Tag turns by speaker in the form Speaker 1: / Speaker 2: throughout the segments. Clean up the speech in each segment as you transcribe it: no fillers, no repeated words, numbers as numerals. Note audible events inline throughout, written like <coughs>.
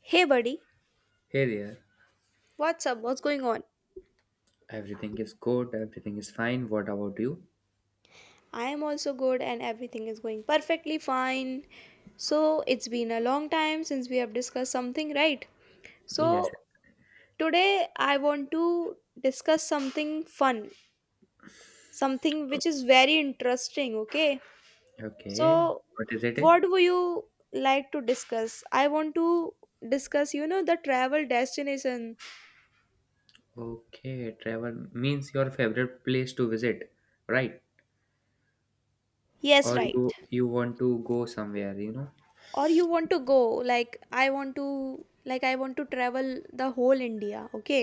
Speaker 1: Hey buddy,
Speaker 2: Hey there.
Speaker 1: what's up? What's going on?
Speaker 2: Everything is good. Everything is fine. What about you?
Speaker 1: I am also good and everything is going perfectly fine. So, it's been a long time since we have discussed something, right?
Speaker 2: Yes.
Speaker 1: So, today I want to discuss something fun, something which is very interesting, okay?
Speaker 2: Okay.
Speaker 1: So,
Speaker 2: What is it?
Speaker 1: what would you like to discuss? I want to discuss, you know, the travel destination.
Speaker 2: Okay. Travel means your favorite place to visit, right?
Speaker 1: Yes,
Speaker 2: Or
Speaker 1: right.
Speaker 2: you want to go somewhere, you know?
Speaker 1: Or you want to go, like I want to travel the whole India. Okay,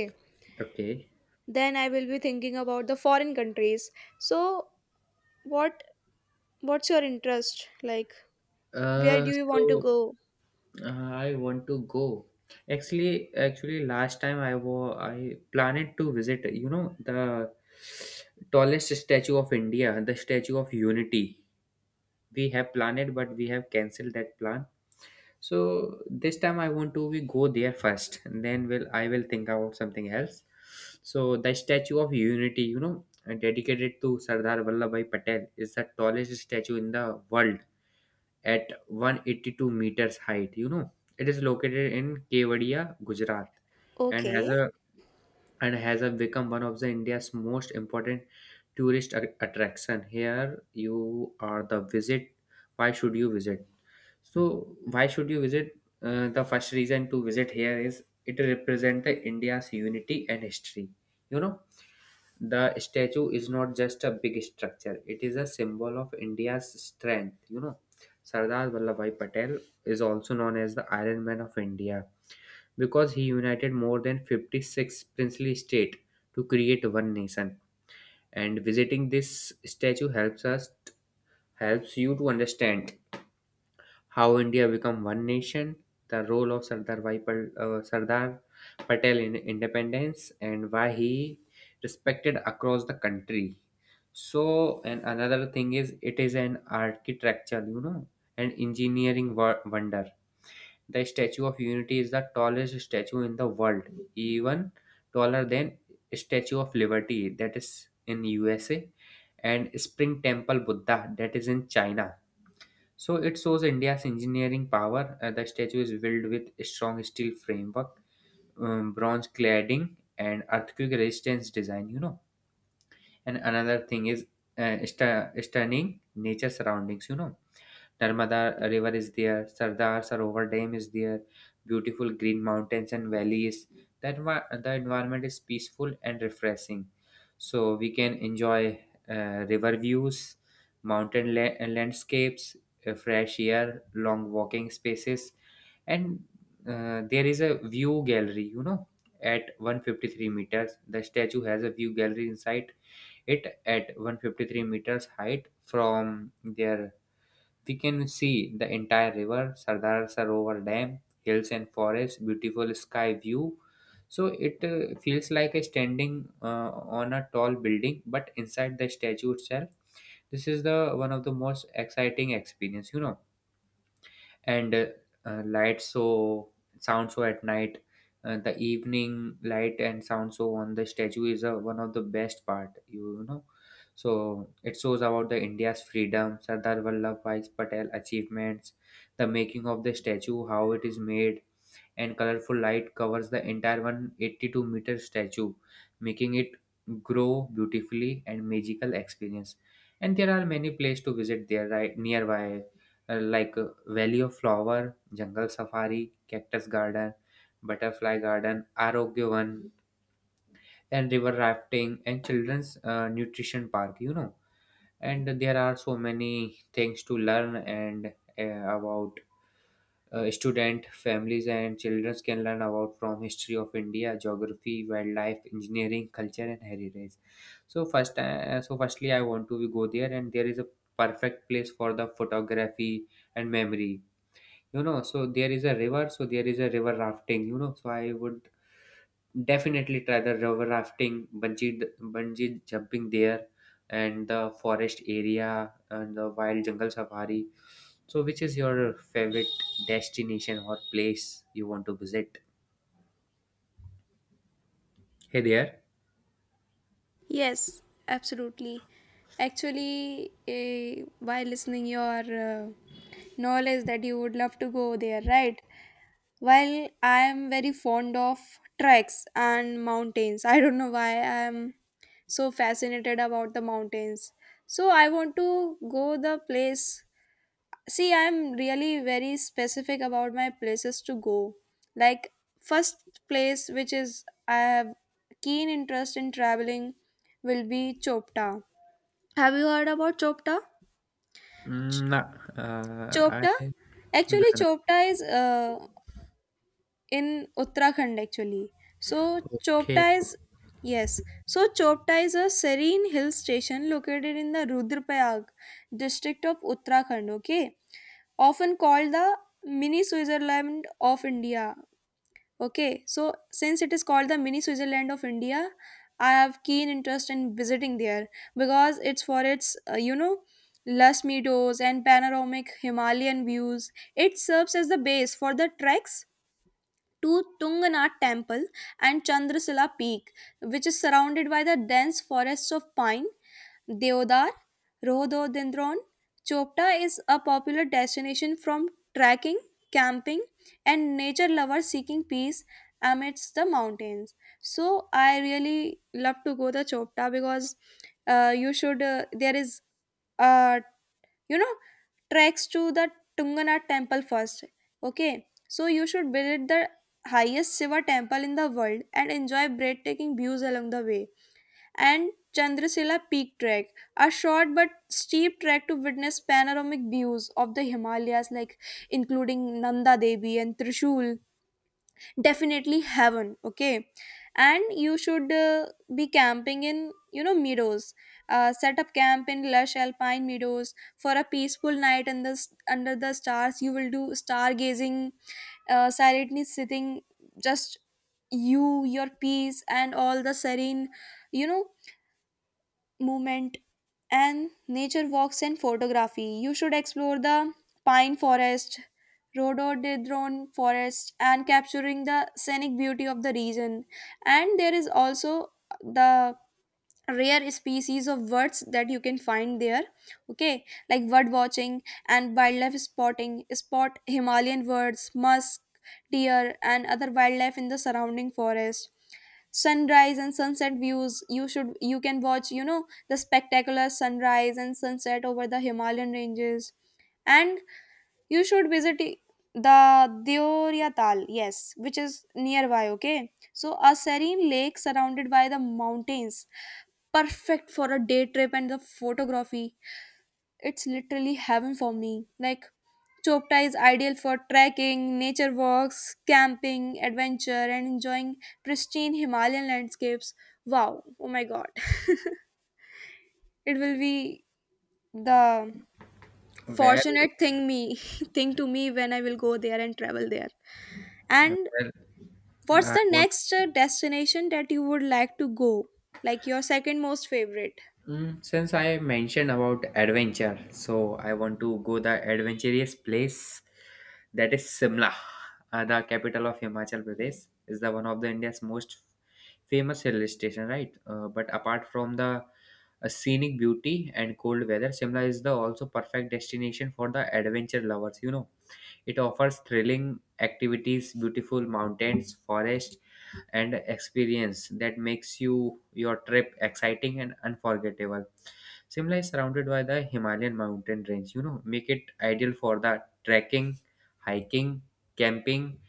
Speaker 2: Okay.
Speaker 1: then I will be thinking about the foreign countries. So what what's your interest, like where do
Speaker 2: Uh,
Speaker 1: you want to
Speaker 2: so
Speaker 1: go?
Speaker 2: I want to go. Actually, actually, last time I planned to visit, you know, the tallest statue of India, the Statue of Unity. We have planned, but we have cancelled that plan. So this time I want to we go there first, and then will I will think about something else. So the Statue of Unity, you know, dedicated to Sardar Vallabhbhai Patel, is the tallest statue in the world at 182 meters height. You know, it is located in Kevadia, Gujarat, and has
Speaker 1: Okay,
Speaker 2: a and has become one of the India's most important tourist attraction. Here you are the visit. Why should you visit? So why should you visit? The first reason to visit here is it represents India's unity and history. You know, the statue is not just a big structure; it is a symbol of India's strength. You know, Sardar Vallabhbhai Patel is also known as the Iron Man of India because he united more than 56 princely states to create one nation. And visiting this statue helps us helps you to understand how India become one nation, the role of Sardar Patel in independence, and why he respected across the country. So, and another thing is, it is an architecture, you know, an engineering wonder. The Statue of Unity is the tallest statue in the world, even taller than Statue of Liberty that is in USA and Spring Temple Buddha that is in China. So it shows India's engineering power. The statue is built with strong steel framework, bronze cladding, and earthquake resistance design. You know, and another thing is stunning nature surroundings. You know, Narmada River is there, Sardar Sarovar Dam is there, beautiful green mountains and valleys. The, envi- the environment is peaceful and refreshing. So we can enjoy river views, mountain landscapes, fresh air, long walking spaces, and there is a view gallery, you know, at 153 meters. The statue has a view gallery inside it at 153 meters height. From their we can see the entire river, Sardar Sarovar Dam, hills and forests, beautiful sky view. So it feels like a standing on a tall building, but inside the statue itself, this is the one of the most exciting experience. You know, and light show sound show at night, the evening light and sound show on the statue is one of the best part, you know. So it shows about the India's freedom, Sardar Vallabhbhai Patel achievements, the making of the statue, how it is made, and colorful light covers the entire 182-meter statue, making it grow beautifully and magical experience. And there are many places to visit there right nearby, like Valley of Flower, Jungle Safari, Cactus Garden, Butterfly Garden, Arogyovan, and river rafting and children's nutrition park. You know, and there are so many things to learn and about student families and children can learn about from history of India, geography, wildlife, engineering, culture, and heritage. So firstly I want to go there, and there is a perfect place for the photography and memory, you know. So there is a river rafting, you know, so I would definitely try the river rafting, bungee jumping there, and the forest area and the wild jungle safari. So, which is your favorite destination or place you want to visit? Hey there.
Speaker 1: yes, absolutely. Actually, by listening your uh, knowledge that you would love to go there, right? While I am very fond of treks and mountains, I don't know why I am so fascinated about the mountains. So I want to go the place. See, I am really very specific about my places to go. Like, first place which is I have keen interest in traveling will be Chopta. Have you heard about Chopta?
Speaker 2: Mm, nah, uh, I
Speaker 1: Chopta?
Speaker 2: nah,
Speaker 1: Actually,
Speaker 2: nah.
Speaker 1: Chopta is in Uttarakhand actually. So
Speaker 2: Okay,
Speaker 1: Chopta is, yes. So Chopta is a serene hill station located in the Rudraprayag district of Uttarakhand. Okay, often called the mini Switzerland of India. Okay, so since it is called the mini Switzerland of India, I have keen interest in visiting there because it's for its you know, lush meadows and panoramic Himalayan views. It serves as the base for the treks to Tunganath Temple and Chandrasila Peak, which is surrounded by the dense forests of pine, deodar, rhododendron. Chopta is a popular destination from trekking, camping, and nature lovers seeking peace amidst the mountains. So I really love to go the Chopta because, you should there is a, you know, treks to the Tungana Temple first. Okay, so you should visit the highest Shiva temple in the world and enjoy breathtaking views along the way. And Chandrasila Peak trek, a short but steep trek to witness panoramic views of the Himalayas, like including Nanda Devi and Trishul, definitely heaven. Okay, and you should be camping in, you know, meadows. Set up camp in lush alpine meadows for a peaceful night, and the under the stars you will do stargazing, silently sitting, just you, your peace, and all the serene, you know, movement. And nature walks and photography. You should explore the pine forest, rhododendron forest, and capturing the scenic beauty of the region. And there is also the rare species of birds that you can find there. Okay, like bird watching and wildlife spotting, spot Himalayan birds, musk deer, and other wildlife in the surrounding forest. Sunrise and sunset views, you should, you can watch, you know, the spectacular sunrise and sunset over the Himalayan ranges. And you should visit the Deoria Tal, yes, which is nearby, okay? So, a serene lake surrounded by the mountains, perfect for a day trip and the photography. It's literally heaven for me. Like, Chopta is ideal for trekking, nature walks, camping, adventure, and enjoying pristine Himalayan landscapes. Wow, oh my god. <laughs> It will be the
Speaker 2: where,
Speaker 1: fortunate thing me <laughs> thing to me when I will go there and travel there. And
Speaker 2: where
Speaker 1: what's
Speaker 2: I
Speaker 1: the
Speaker 2: want
Speaker 1: next destination that you would like to go? Like your second most favorite?
Speaker 2: Since I mentioned about adventure, so I want to go the adventurous place, that is Simla, the capital of Himachal Pradesh. Is the one of the India's most famous hill station, right? But apart from the scenic beauty and cold weather, Simla is the also perfect destination for the adventure lovers. You know, it offers thrilling activities, beautiful mountains, forest, and experience that makes you your trip exciting and unforgettable. Simla is surrounded by the Himalayan mountain range, you know, make it ideal for the trekking, hiking, camping,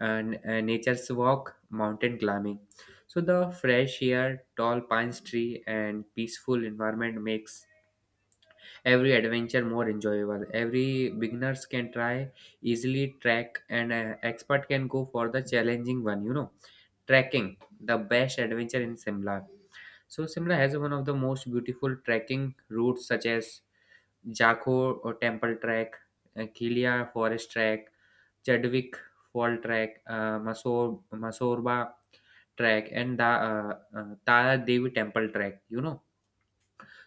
Speaker 2: and nature's walk, mountain climbing. So the fresh air, tall pine tree, and peaceful environment makes every adventure more enjoyable. Every beginners can try easily trek, and expert can go for the challenging one. You know, trekking the best adventure in Simla. So Simla has one of the most beautiful trekking routes such as Jaco or Temple Track, Kilia Forest Track, Chadwick Fall Track, Masorba Track, and the Tara Devi Temple Track. You know,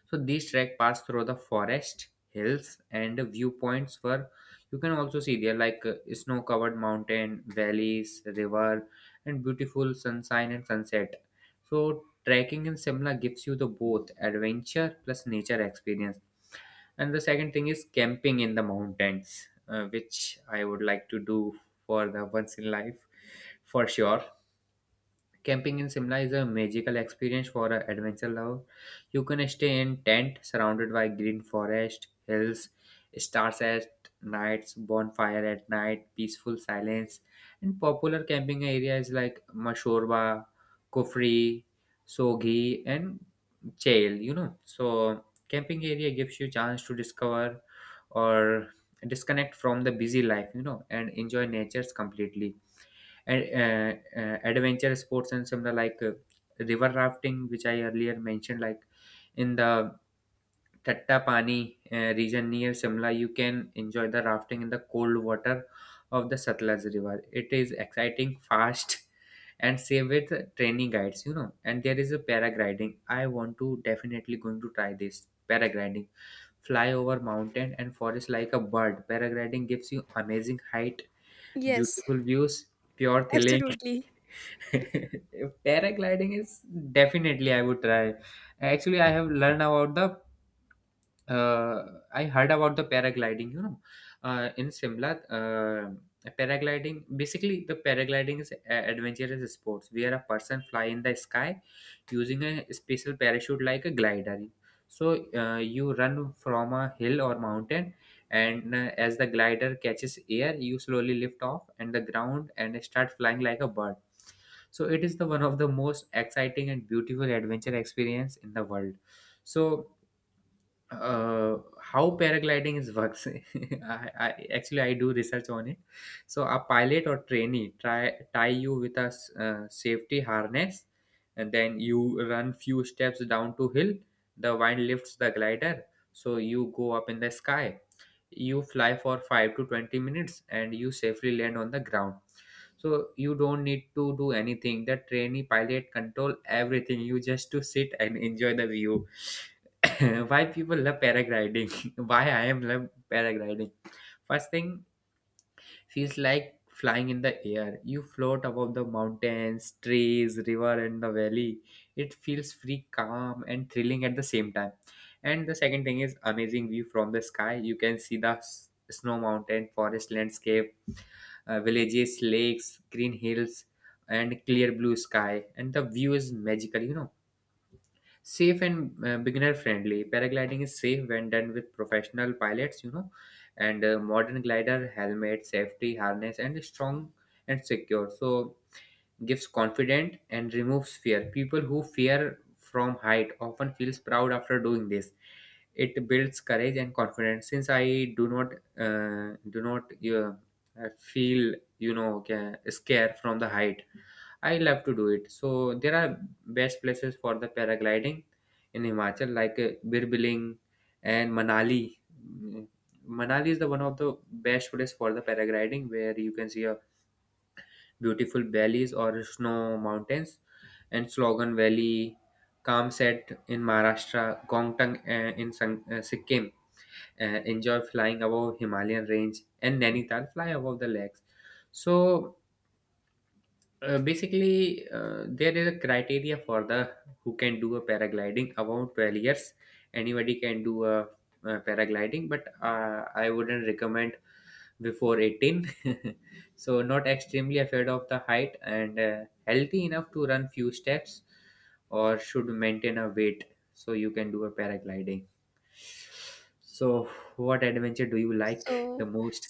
Speaker 2: so these track pass through the forest, hills, and viewpoints where you can also see there like snow-covered mountain, valleys, river, and beautiful sunshine and sunset. So trekking in Simla gives you the both adventure plus nature experience. And the second thing is camping in the mountains, which I would like to do for the once in life, for sure. Camping in Simla is a magical experience for an adventure lover. You can stay in tent surrounded by green forest, hills, stars at nights, bonfire at night, peaceful silence. And popular camping areas like Mashorba, Kufri, Soghi, and Chail. You know, so camping area gives you chance to discover or disconnect from the busy life. You know, and enjoy nature's completely. And adventure sports and similar like river rafting, which I earlier mentioned, like in the Tattapani region near Simla, you can enjoy the rafting in the cold water of the Satluj river. It is exciting, fast, <laughs> and safe with training guides, you know. And there is a paragliding, I want to definitely going to try this paragliding, fly over mountain and forest like a bird. Paragliding gives you amazing height,
Speaker 1: Yes,
Speaker 2: beautiful views, pure thrilling.
Speaker 1: absolutely.
Speaker 2: <laughs> Paragliding is definitely I would try. Actually, I have learned about the uh, I heard about the paragliding. You know, in Simla, paragliding basically the paragliding is adventurous sports where a person fly in the sky using a special parachute like a glider. So you run from a hill or mountain, and as the glider catches air, you slowly lift off and the ground and start flying like a bird. So it is the one of the most exciting and beautiful adventure experience in the world. So how paragliding is works. <laughs> I actually I do research on it. So a pilot or trainee try tie you with a safety harness, and then you run few steps down to hill. The wind lifts the glider, so you go up in the sky. You fly for 5 to 20 minutes and you safely land on the ground. So you don't need to do anything, the trainee pilot control everything, you just to sit and enjoy the view. <coughs> Why people love paragliding? <laughs> Why I am love paragliding? First thing, feels like flying in the air. You float above the mountains, trees, river, and the valley. It feels free, calm, and thrilling at the same time. And the second thing is amazing view from the sky. You can see the snow mountain, forest landscape, villages, lakes, green hills, and clear blue sky. And the view is magical, you know. Safe and beginner friendly, paragliding is safe when done with professional pilots, you know. And modern glider helmet safety harness and strong and secure, so gives confident and removes fear. People who fear from height often feels proud after doing this. It builds courage and confidence. Since I do not uh, do not uh, feel, you know, scared from the height, I love to do it. So there are best places for the paragliding in Himachal, like Birbiling and Manali. Mm, Manali is the one of the best place for the paragliding, where you can see a beautiful valleys or snow mountains, and Slogan Valley, Kamset in Maharashtra, Gongtang in Sikkim. Enjoy flying above Himalayan range, and Nainital fly above the lakes. So basically, there is a criteria for the who can do a paragliding about 12 years. Anybody can do a, paragliding, but I wouldn't recommend before 18. <laughs> So not extremely afraid of the height and healthy enough to run few steps or should maintain a weight, so you can do a paragliding. So what adventure do you like
Speaker 1: So
Speaker 2: the most?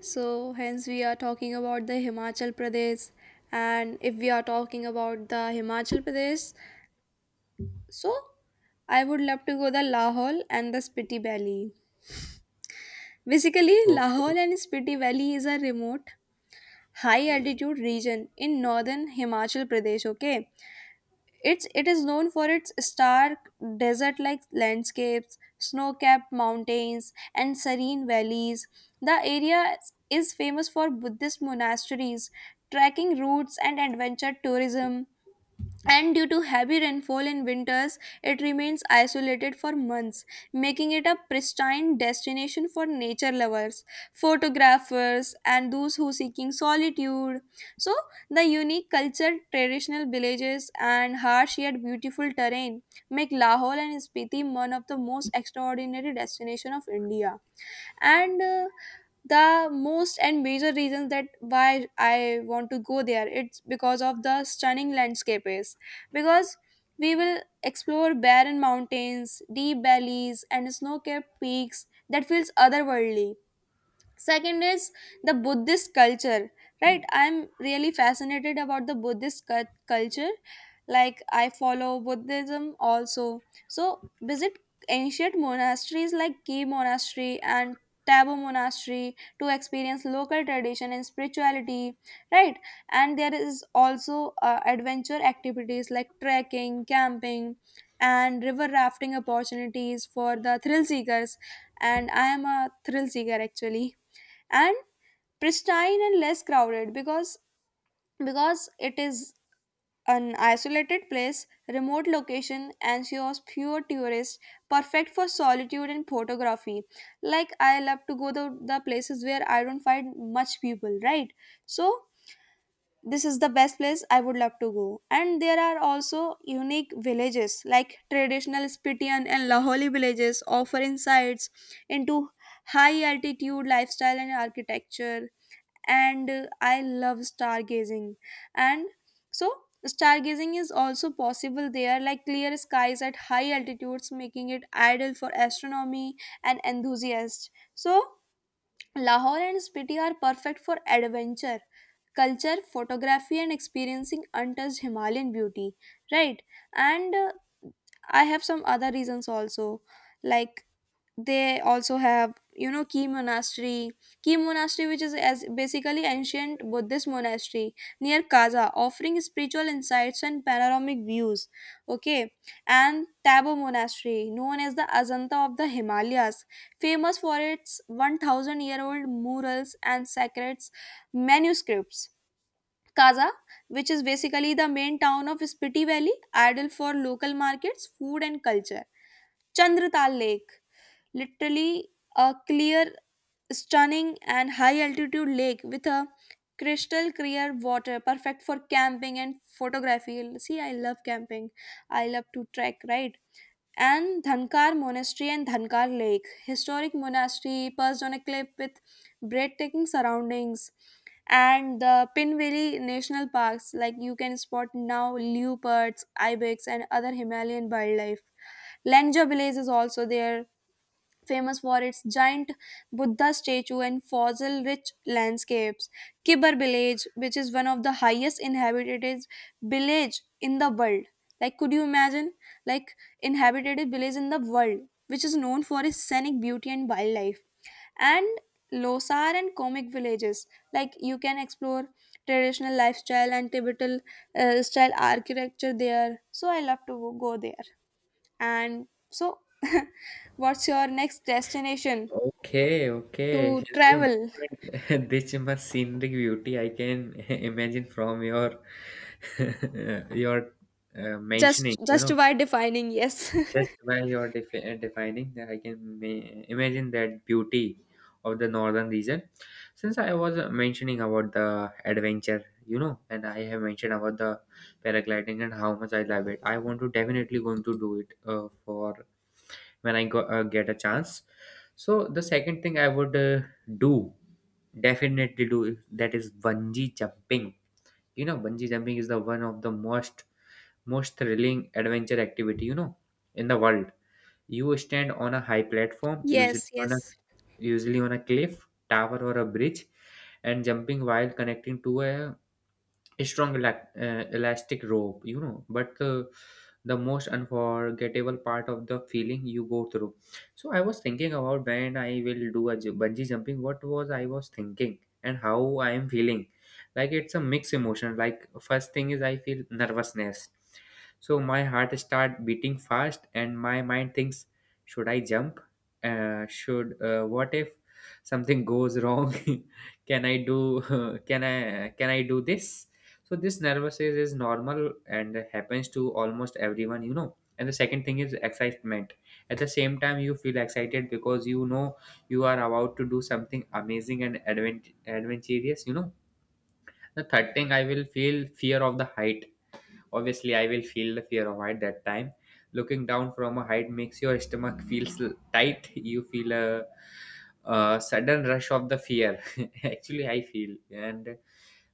Speaker 1: So, hence, we are talking about the Himachal Pradesh. And if we are talking about the Himachal Pradesh, so I would love to go the Lahore and the Spiti Valley. Basically,
Speaker 2: Okay.
Speaker 1: Lahore and Spiti Valley is a remote, high altitude region in northern Himachal Pradesh. Okay, it is known for its stark desert-like landscapes, snow-capped mountains, and serene valleys. The area is famous for Buddhist monasteries, trekking routes, and adventure tourism, and due to heavy rainfall in winters, it remains isolated for months, making it a pristine destination for nature lovers, photographers, and those who seeking solitude. So, the unique culture, traditional villages, and harsh yet beautiful terrain make Lahore and Spiti one of the most extraordinary destinations of India. And the most and major reasons that why I want to go there, it's because of the stunning landscape. Is because we will explore barren mountains, deep valleys, and snow-capped peaks that feels otherworldly. Second is the Buddhist culture, right? I'm really fascinated about the Buddhist culture. Like, I follow Buddhism also. So visit ancient monasteries like Ki Monastery and Tabo Monastery to experience local tradition and spirituality, right? And there is also adventure activities like trekking, camping, and river rafting, opportunities for the thrill seekers, and I am a thrill seeker actually. And pristine and less crowded, because it is an isolated place, remote location and ensures fewer tourists, perfect for solitude and photography. Like, I love to go to the places where I don't find much people, right? So this is the best place I would love to go. And there are also unique villages, like traditional Spitian and Laholi villages offer insights into high altitude lifestyle and architecture. And I love stargazing, and so stargazing is also possible there, like clear skies at high altitudes making it ideal for astronomy and enthusiasts. So Lahore and Spiti are perfect for adventure, culture, photography, and experiencing untouched Himalayan beauty, right? And I have some other reasons also. Like, they also have, you know, key monastery. Key monastery, which is as basically ancient Buddhist monastery near Kaza, offering spiritual insights and panoramic views. Okay, and Tabo Monastery, known as the Ajanta of the Himalayas, famous for its 1,000 year old murals and sacred manuscripts. Kaza, which is basically the main town of Spiti Valley, ideal for local markets, food, and culture. Chandratal Lake, literally a clear, stunning, and high altitude lake with a crystal clear water, perfect for camping and photography. See, I love camping. I love to trek, right? And Dhankar Monastery and Dhankar Lake, historic monastery perched on a cliff with breathtaking surroundings. And the Pinveli National Parks, like you can spot now leopards, ibex, and other Himalayan wildlife. Langja village is also there, famous for its giant Buddha statue and fossil rich landscapes. Kibar village, which is one of the highest inhabited village in the world. Like, could you imagine? Like, inhabited village in the world, which is known for its scenic beauty and wildlife. And Losar and Comic villages, like you can explore traditional lifestyle and Tibetan style architecture there. So I love to go there. And so, <laughs> what's your next destination
Speaker 2: Okay, okay.
Speaker 1: to
Speaker 2: She's you
Speaker 1: travel?
Speaker 2: mentioned, <laughs> this much scenic beauty I can <laughs> imagine from your <laughs> your mentioning. You
Speaker 1: Just
Speaker 2: know,
Speaker 1: by defining, yes.
Speaker 2: just by your defining, that I can imagine that beauty of the northern region. Since I was mentioning about the adventure, you know, and I have mentioned about the paragliding and how much I love it, I want to definitely going to do it for when I go, get a chance. So the second thing I would do definitely do is- that is bungee jumping. You know, bungee jumping is the one of the most thrilling adventure activity, you know, in the world. You stand on a high
Speaker 1: <laughs>
Speaker 2: platform, usually
Speaker 1: Yes,
Speaker 2: on a
Speaker 1: yes.
Speaker 2: cliff, tower, or a bridge, and jumping while connecting to a strong elastic rope, you know, but the most unforgettable part of the feeling you go through. So I was thinking about when I will do a bungee jumping, what was I was thinking and how I am feeling. Like, it's a mixed emotion. Like, first thing is I feel nervousness. So my heart start beating fast and my mind thinks, should I jump? Should What if something goes wrong? <laughs> Can I do, <laughs> can I do this? So this nervous is normal and happens to almost everyone, you know. And the second thing is excitement. At the same time, you feel excited because, you know, you are about to do something amazing and adventurous, you know. The third thing, I will feel fear of the height. Obviously, I will feel the fear of height that time. Looking down from a height makes your stomach feels tight. You feel a sudden rush of the fear. <laughs> Actually, I feel. And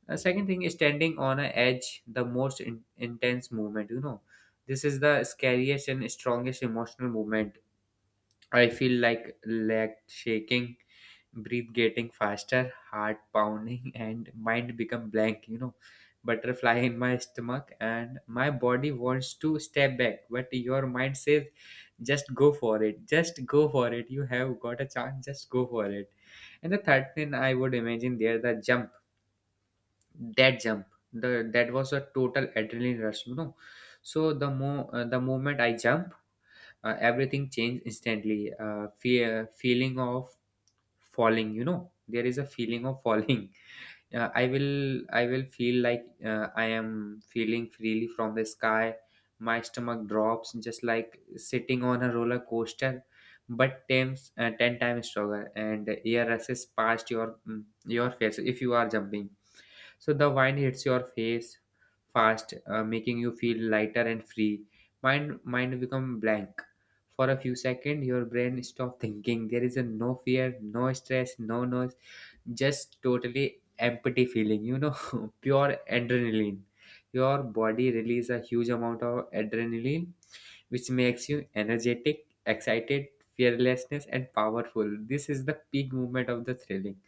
Speaker 2: second thing is standing on an edge, the most intense movement. You know, this is the scariest and strongest emotional movement. I feel like leg shaking, breath getting faster, heart pounding, <laughs> and mind become blank. You know, butterfly in my stomach, and my body wants to step back, but your mind says, "Just go for it. Just go for it. You have got a chance. Just go for it." And the third thing I would imagine there, the jump, that jump the that was a total adrenaline rush, you know. So the moment I jumped, everything changed instantly. Fear, feeling of falling, you know, there is a feeling of falling. <laughs> I will I will feel like, I am feeling freely from the sky. My stomach drops just like sitting on a roller coaster, but times 10 times stronger, and air rushes past your your face if you are jumping. So the wine hits your face fast, making you feel lighter and free. Mind become blank. For a few seconds, your brain stop thinking. There is a no fear, no stress, no noise, just totally empty feeling. You know, <laughs> pure adrenaline. Your body release a huge amount of adrenaline, which makes you energetic, excited, fearlessness, and powerful. This is the peak moment of the thrilling.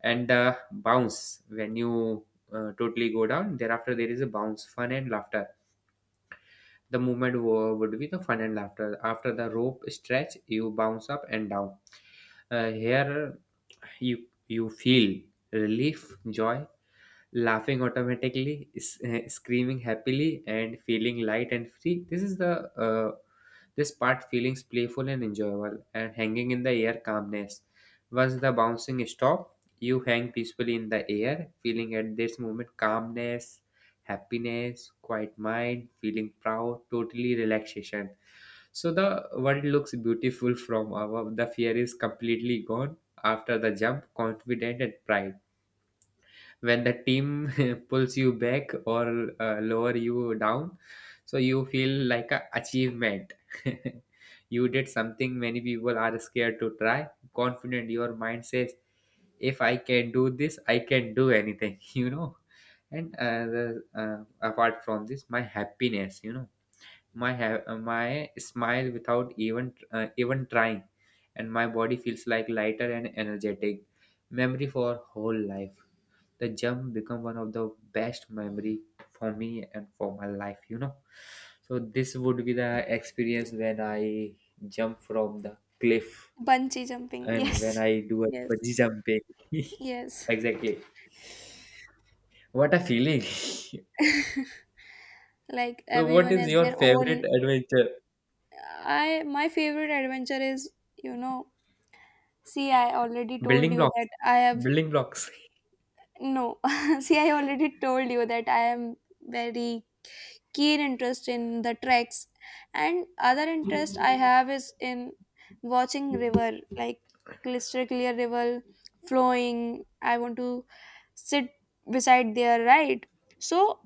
Speaker 2: And bounce when you totally go down, thereafter there is a bounce, fun and laughter. The movement would be the fun and laughter after the rope stretch. You bounce up and down. Here you feel relief, joy, laughing automatically, screaming happily, and feeling light and free. This is the this part feelings playful and enjoyable, and hanging in the air, calmness. Once the bouncing stop, you hang peacefully in the air, feeling at this moment calmness, happiness, quiet mind, feeling proud, totally relaxation. So the world looks beautiful from above. The fear is completely gone after the jump, confident and pride, when the team <laughs> pulls you back or lower you down, so you feel like a achievement. <laughs> You did something many people are scared to try. Confident, your mind says, if I can do this, I can do anything. <laughs> You know. And apart from this, my happiness, you know, my smile without even even trying, and my body feels like lighter and energetic. Memory for whole life. The jump become one of the best memory for me and for my life, you know. So this would be the experience when I jump from the cliff
Speaker 1: Bungee jumping.
Speaker 2: and
Speaker 1: Yes.
Speaker 2: when
Speaker 1: <laughs>
Speaker 2: I do a
Speaker 1: Yes.
Speaker 2: bungee jumping. <laughs>
Speaker 1: Yes.
Speaker 2: Exactly, what a feeling. <laughs>
Speaker 1: Like
Speaker 2: So what
Speaker 1: everyone
Speaker 2: is
Speaker 1: has
Speaker 2: your
Speaker 1: their own.
Speaker 2: favorite adventure?
Speaker 1: I my favorite adventure is, you know, see, I already told
Speaker 2: Building
Speaker 1: you
Speaker 2: blocks.
Speaker 1: that I have,
Speaker 2: Building blocks.
Speaker 1: no, <laughs> see, I already told you that I am very keen interest in the treks, and other interest I have is in watching river, like crystal clear river flowing. I want to sit beside there, right? So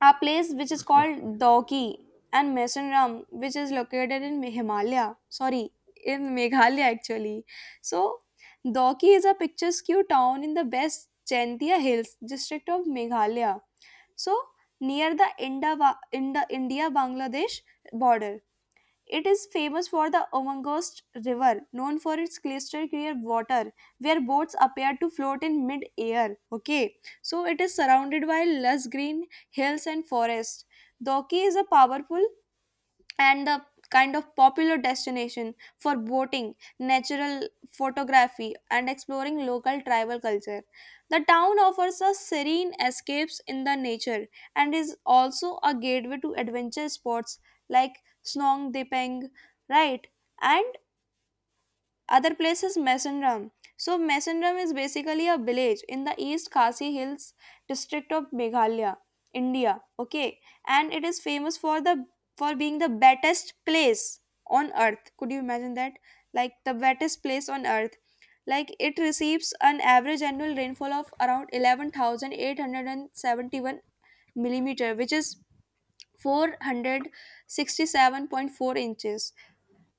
Speaker 1: a place which is
Speaker 2: <laughs> Oh,
Speaker 1: called Dauki and Mesenram, which is located in Himalaya. Sorry, in Meghalaya actually. So Dauki is a picturesque town in the West Jaintia Hills district of Meghalaya. So near the India Bangladesh border. It is famous for the Omangost River, known for its crystal clear water, where boats appear to float in mid-air. Okay, so it is surrounded by lush green hills and forests. Doki is a powerful and the kind of popular destination for boating, natural photography, and exploring local tribal culture. The town offers us serene escapes in the nature and is also a gateway to adventure sports like Snong Dipeng, right? And other place is Mesendram. So Mesendram is basically a village in the East Khasi Hills district of Meghalaya, India. Okay, and it is famous for the, for being the wettest place on earth. Could you imagine that? Like, the wettest place on earth. Like, it receives an average annual rainfall of around 11,871 millimeter, which is 467.4 inches,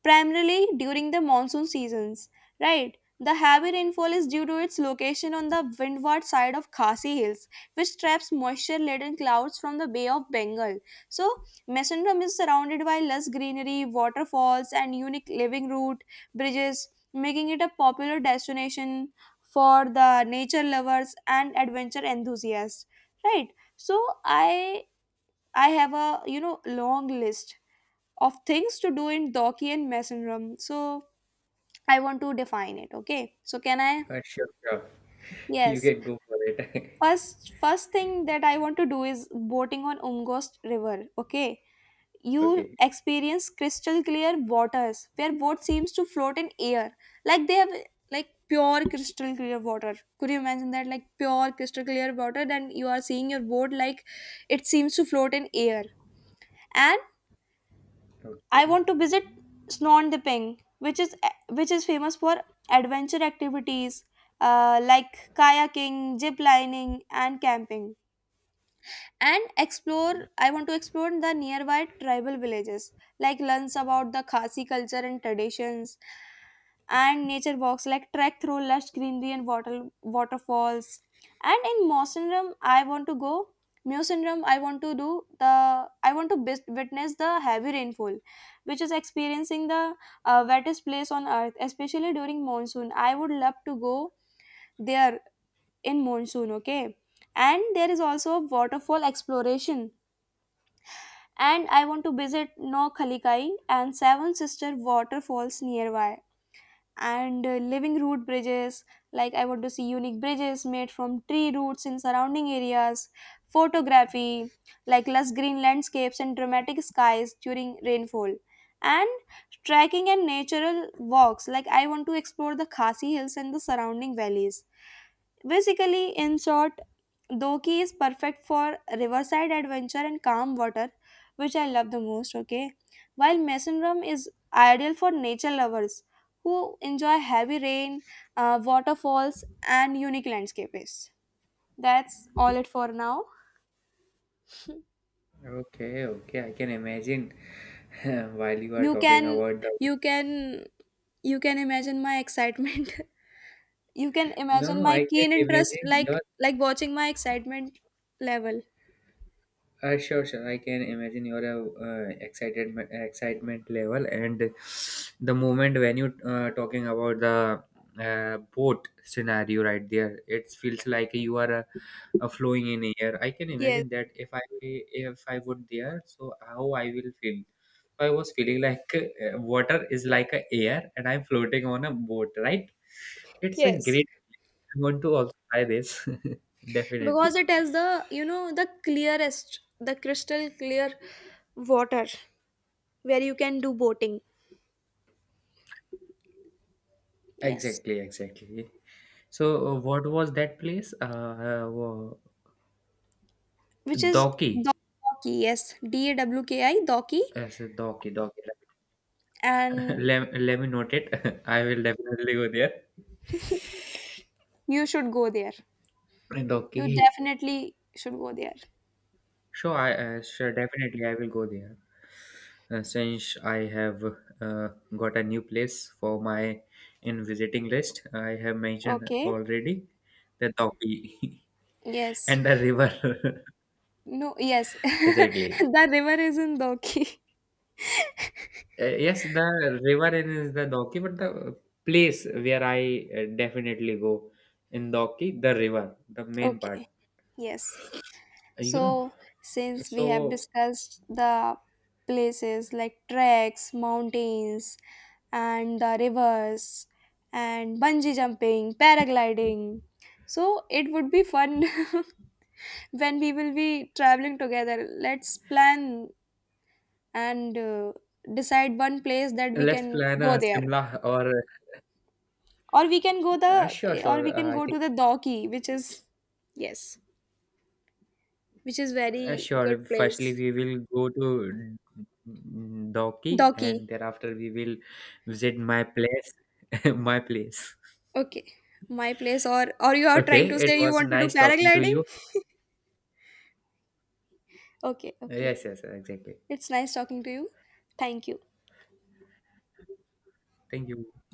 Speaker 1: primarily during the monsoon seasons, right? The heavy rainfall is due to its location on the windward side of Khasi Hills, which traps moisture laden clouds from the Bay of Bengal. So, Mesendrum is surrounded by lush greenery, waterfalls, and unique living route bridges, making it a popular destination for the nature lovers and adventure enthusiasts, right? So, I have, a you know, long list of things to do in Doki. And so I want to define it. Okay. So can I?
Speaker 2: sure, sure, you
Speaker 1: Yes.
Speaker 2: can go for it.
Speaker 1: First thing that I want to do is boating on Umghost River. Okay.
Speaker 2: <laughs>
Speaker 1: You
Speaker 2: Okay.
Speaker 1: experience crystal clear waters where boat seems to float in air, like they have, like pure crystal clear water. Could you imagine that? Like, pure crystal clear water, then you are seeing your boat like it seems to float in air. And I
Speaker 2: okay
Speaker 1: want to visit Snorndipping, which is, which is famous for adventure activities, like kayaking, zip lining, and camping. And explore, I want to explore the nearby tribal villages, like learns about the Khasi culture and traditions. And nature walks, like trek through lush greenery and waterfalls. And in Mosindrum I want to go, Musinrum, I want to do the, I want to witness the heavy rainfall, which is experiencing the wettest place on earth, especially during monsoon. I would love to go there in monsoon. Okay, and there is also waterfall exploration. And I want to visit No Khalikai and Seven Sister waterfalls nearby. And living root bridges, like I want to see unique bridges made from tree roots in surrounding areas. Photography, like lush green landscapes and dramatic skies during rainfall. And trekking and natural walks, like I want to explore the Khasi hills and the surrounding valleys. Basically, in short, Doki is perfect for riverside adventure and calm water, which I love the most. Okay, while Mason Rum is ideal for nature lovers who enjoy heavy rain, waterfalls, and unique landscapes. That's all it for now.
Speaker 2: okay okay, I can imagine. <laughs> While you are
Speaker 1: You
Speaker 2: talking
Speaker 1: can
Speaker 2: about the.
Speaker 1: you can you can imagine my excitement. <laughs> You can
Speaker 2: No,
Speaker 1: imagine
Speaker 2: no,
Speaker 1: my
Speaker 2: I can
Speaker 1: keen interest,
Speaker 2: imagine
Speaker 1: like
Speaker 2: your.
Speaker 1: like watching my excitement level.
Speaker 2: Sure, sure. I can imagine your excited excitement level, and the moment when you talking about the boat scenario right there. It feels like you are flowing in air. I can
Speaker 1: Yes,
Speaker 2: imagine that, if I would there, so how I will feel. I was feeling like, water is like a air, and I'm floating on a boat. Right? It's a
Speaker 1: yes,
Speaker 2: great. I want to also try this. <laughs> Definitely.
Speaker 1: because it has the, you know, the clearest, the crystal clear water where you can do boating. Yes,
Speaker 2: Exactly, exactly. So, what was that place?
Speaker 1: which is
Speaker 2: Doki.
Speaker 1: Dawki. Yes, D A W K I, Dawki,
Speaker 2: As a Doki, Doki. <laughs>
Speaker 1: and
Speaker 2: Let me note it. <laughs> I will definitely go there.
Speaker 1: you should go there. You
Speaker 2: Doki.
Speaker 1: definitely should go there.
Speaker 2: Sure, I sure definitely I will go there. Since I have uh, got a new place for my in visiting list, I have mentioned
Speaker 1: Okay.
Speaker 2: already the Doki <laughs>
Speaker 1: Yes.
Speaker 2: and the river. <laughs>
Speaker 1: No, yes. <laughs>
Speaker 2: Exactly.
Speaker 1: The river is in Doki. <laughs>
Speaker 2: Yes, the river in is the Doki, but the place where I definitely go in Doki, the river, the main part.
Speaker 1: Okay. Yes.
Speaker 2: You know,
Speaker 1: So, since we have
Speaker 2: so
Speaker 1: discussed the places like treks, mountains, and the rivers, and bungee jumping, paragliding, so it would be fun <laughs> when we will be traveling together. Let's plan and decide one place that we
Speaker 2: let's
Speaker 1: can
Speaker 2: plan
Speaker 1: go
Speaker 2: a
Speaker 1: there.
Speaker 2: Simla, or
Speaker 1: Or we can go the,
Speaker 2: sure,
Speaker 1: or we
Speaker 2: sure.
Speaker 1: can
Speaker 2: I
Speaker 1: go
Speaker 2: think,
Speaker 1: to the Doki, which is, yes, which is very good
Speaker 2: sure. Firstly,
Speaker 1: place.
Speaker 2: we will go to Doki,
Speaker 1: Doki.
Speaker 2: and thereafter we will visit my place, <laughs> my place.
Speaker 1: Okay, my place, or you are trying
Speaker 2: Okay,
Speaker 1: to
Speaker 2: it
Speaker 1: say you
Speaker 2: was
Speaker 1: want to do
Speaker 2: nice talking to
Speaker 1: paragliding?
Speaker 2: you.
Speaker 1: Okay, okay,
Speaker 2: Yes, yes, exactly.
Speaker 1: it's nice talking to you. Thank you.
Speaker 2: Thank you.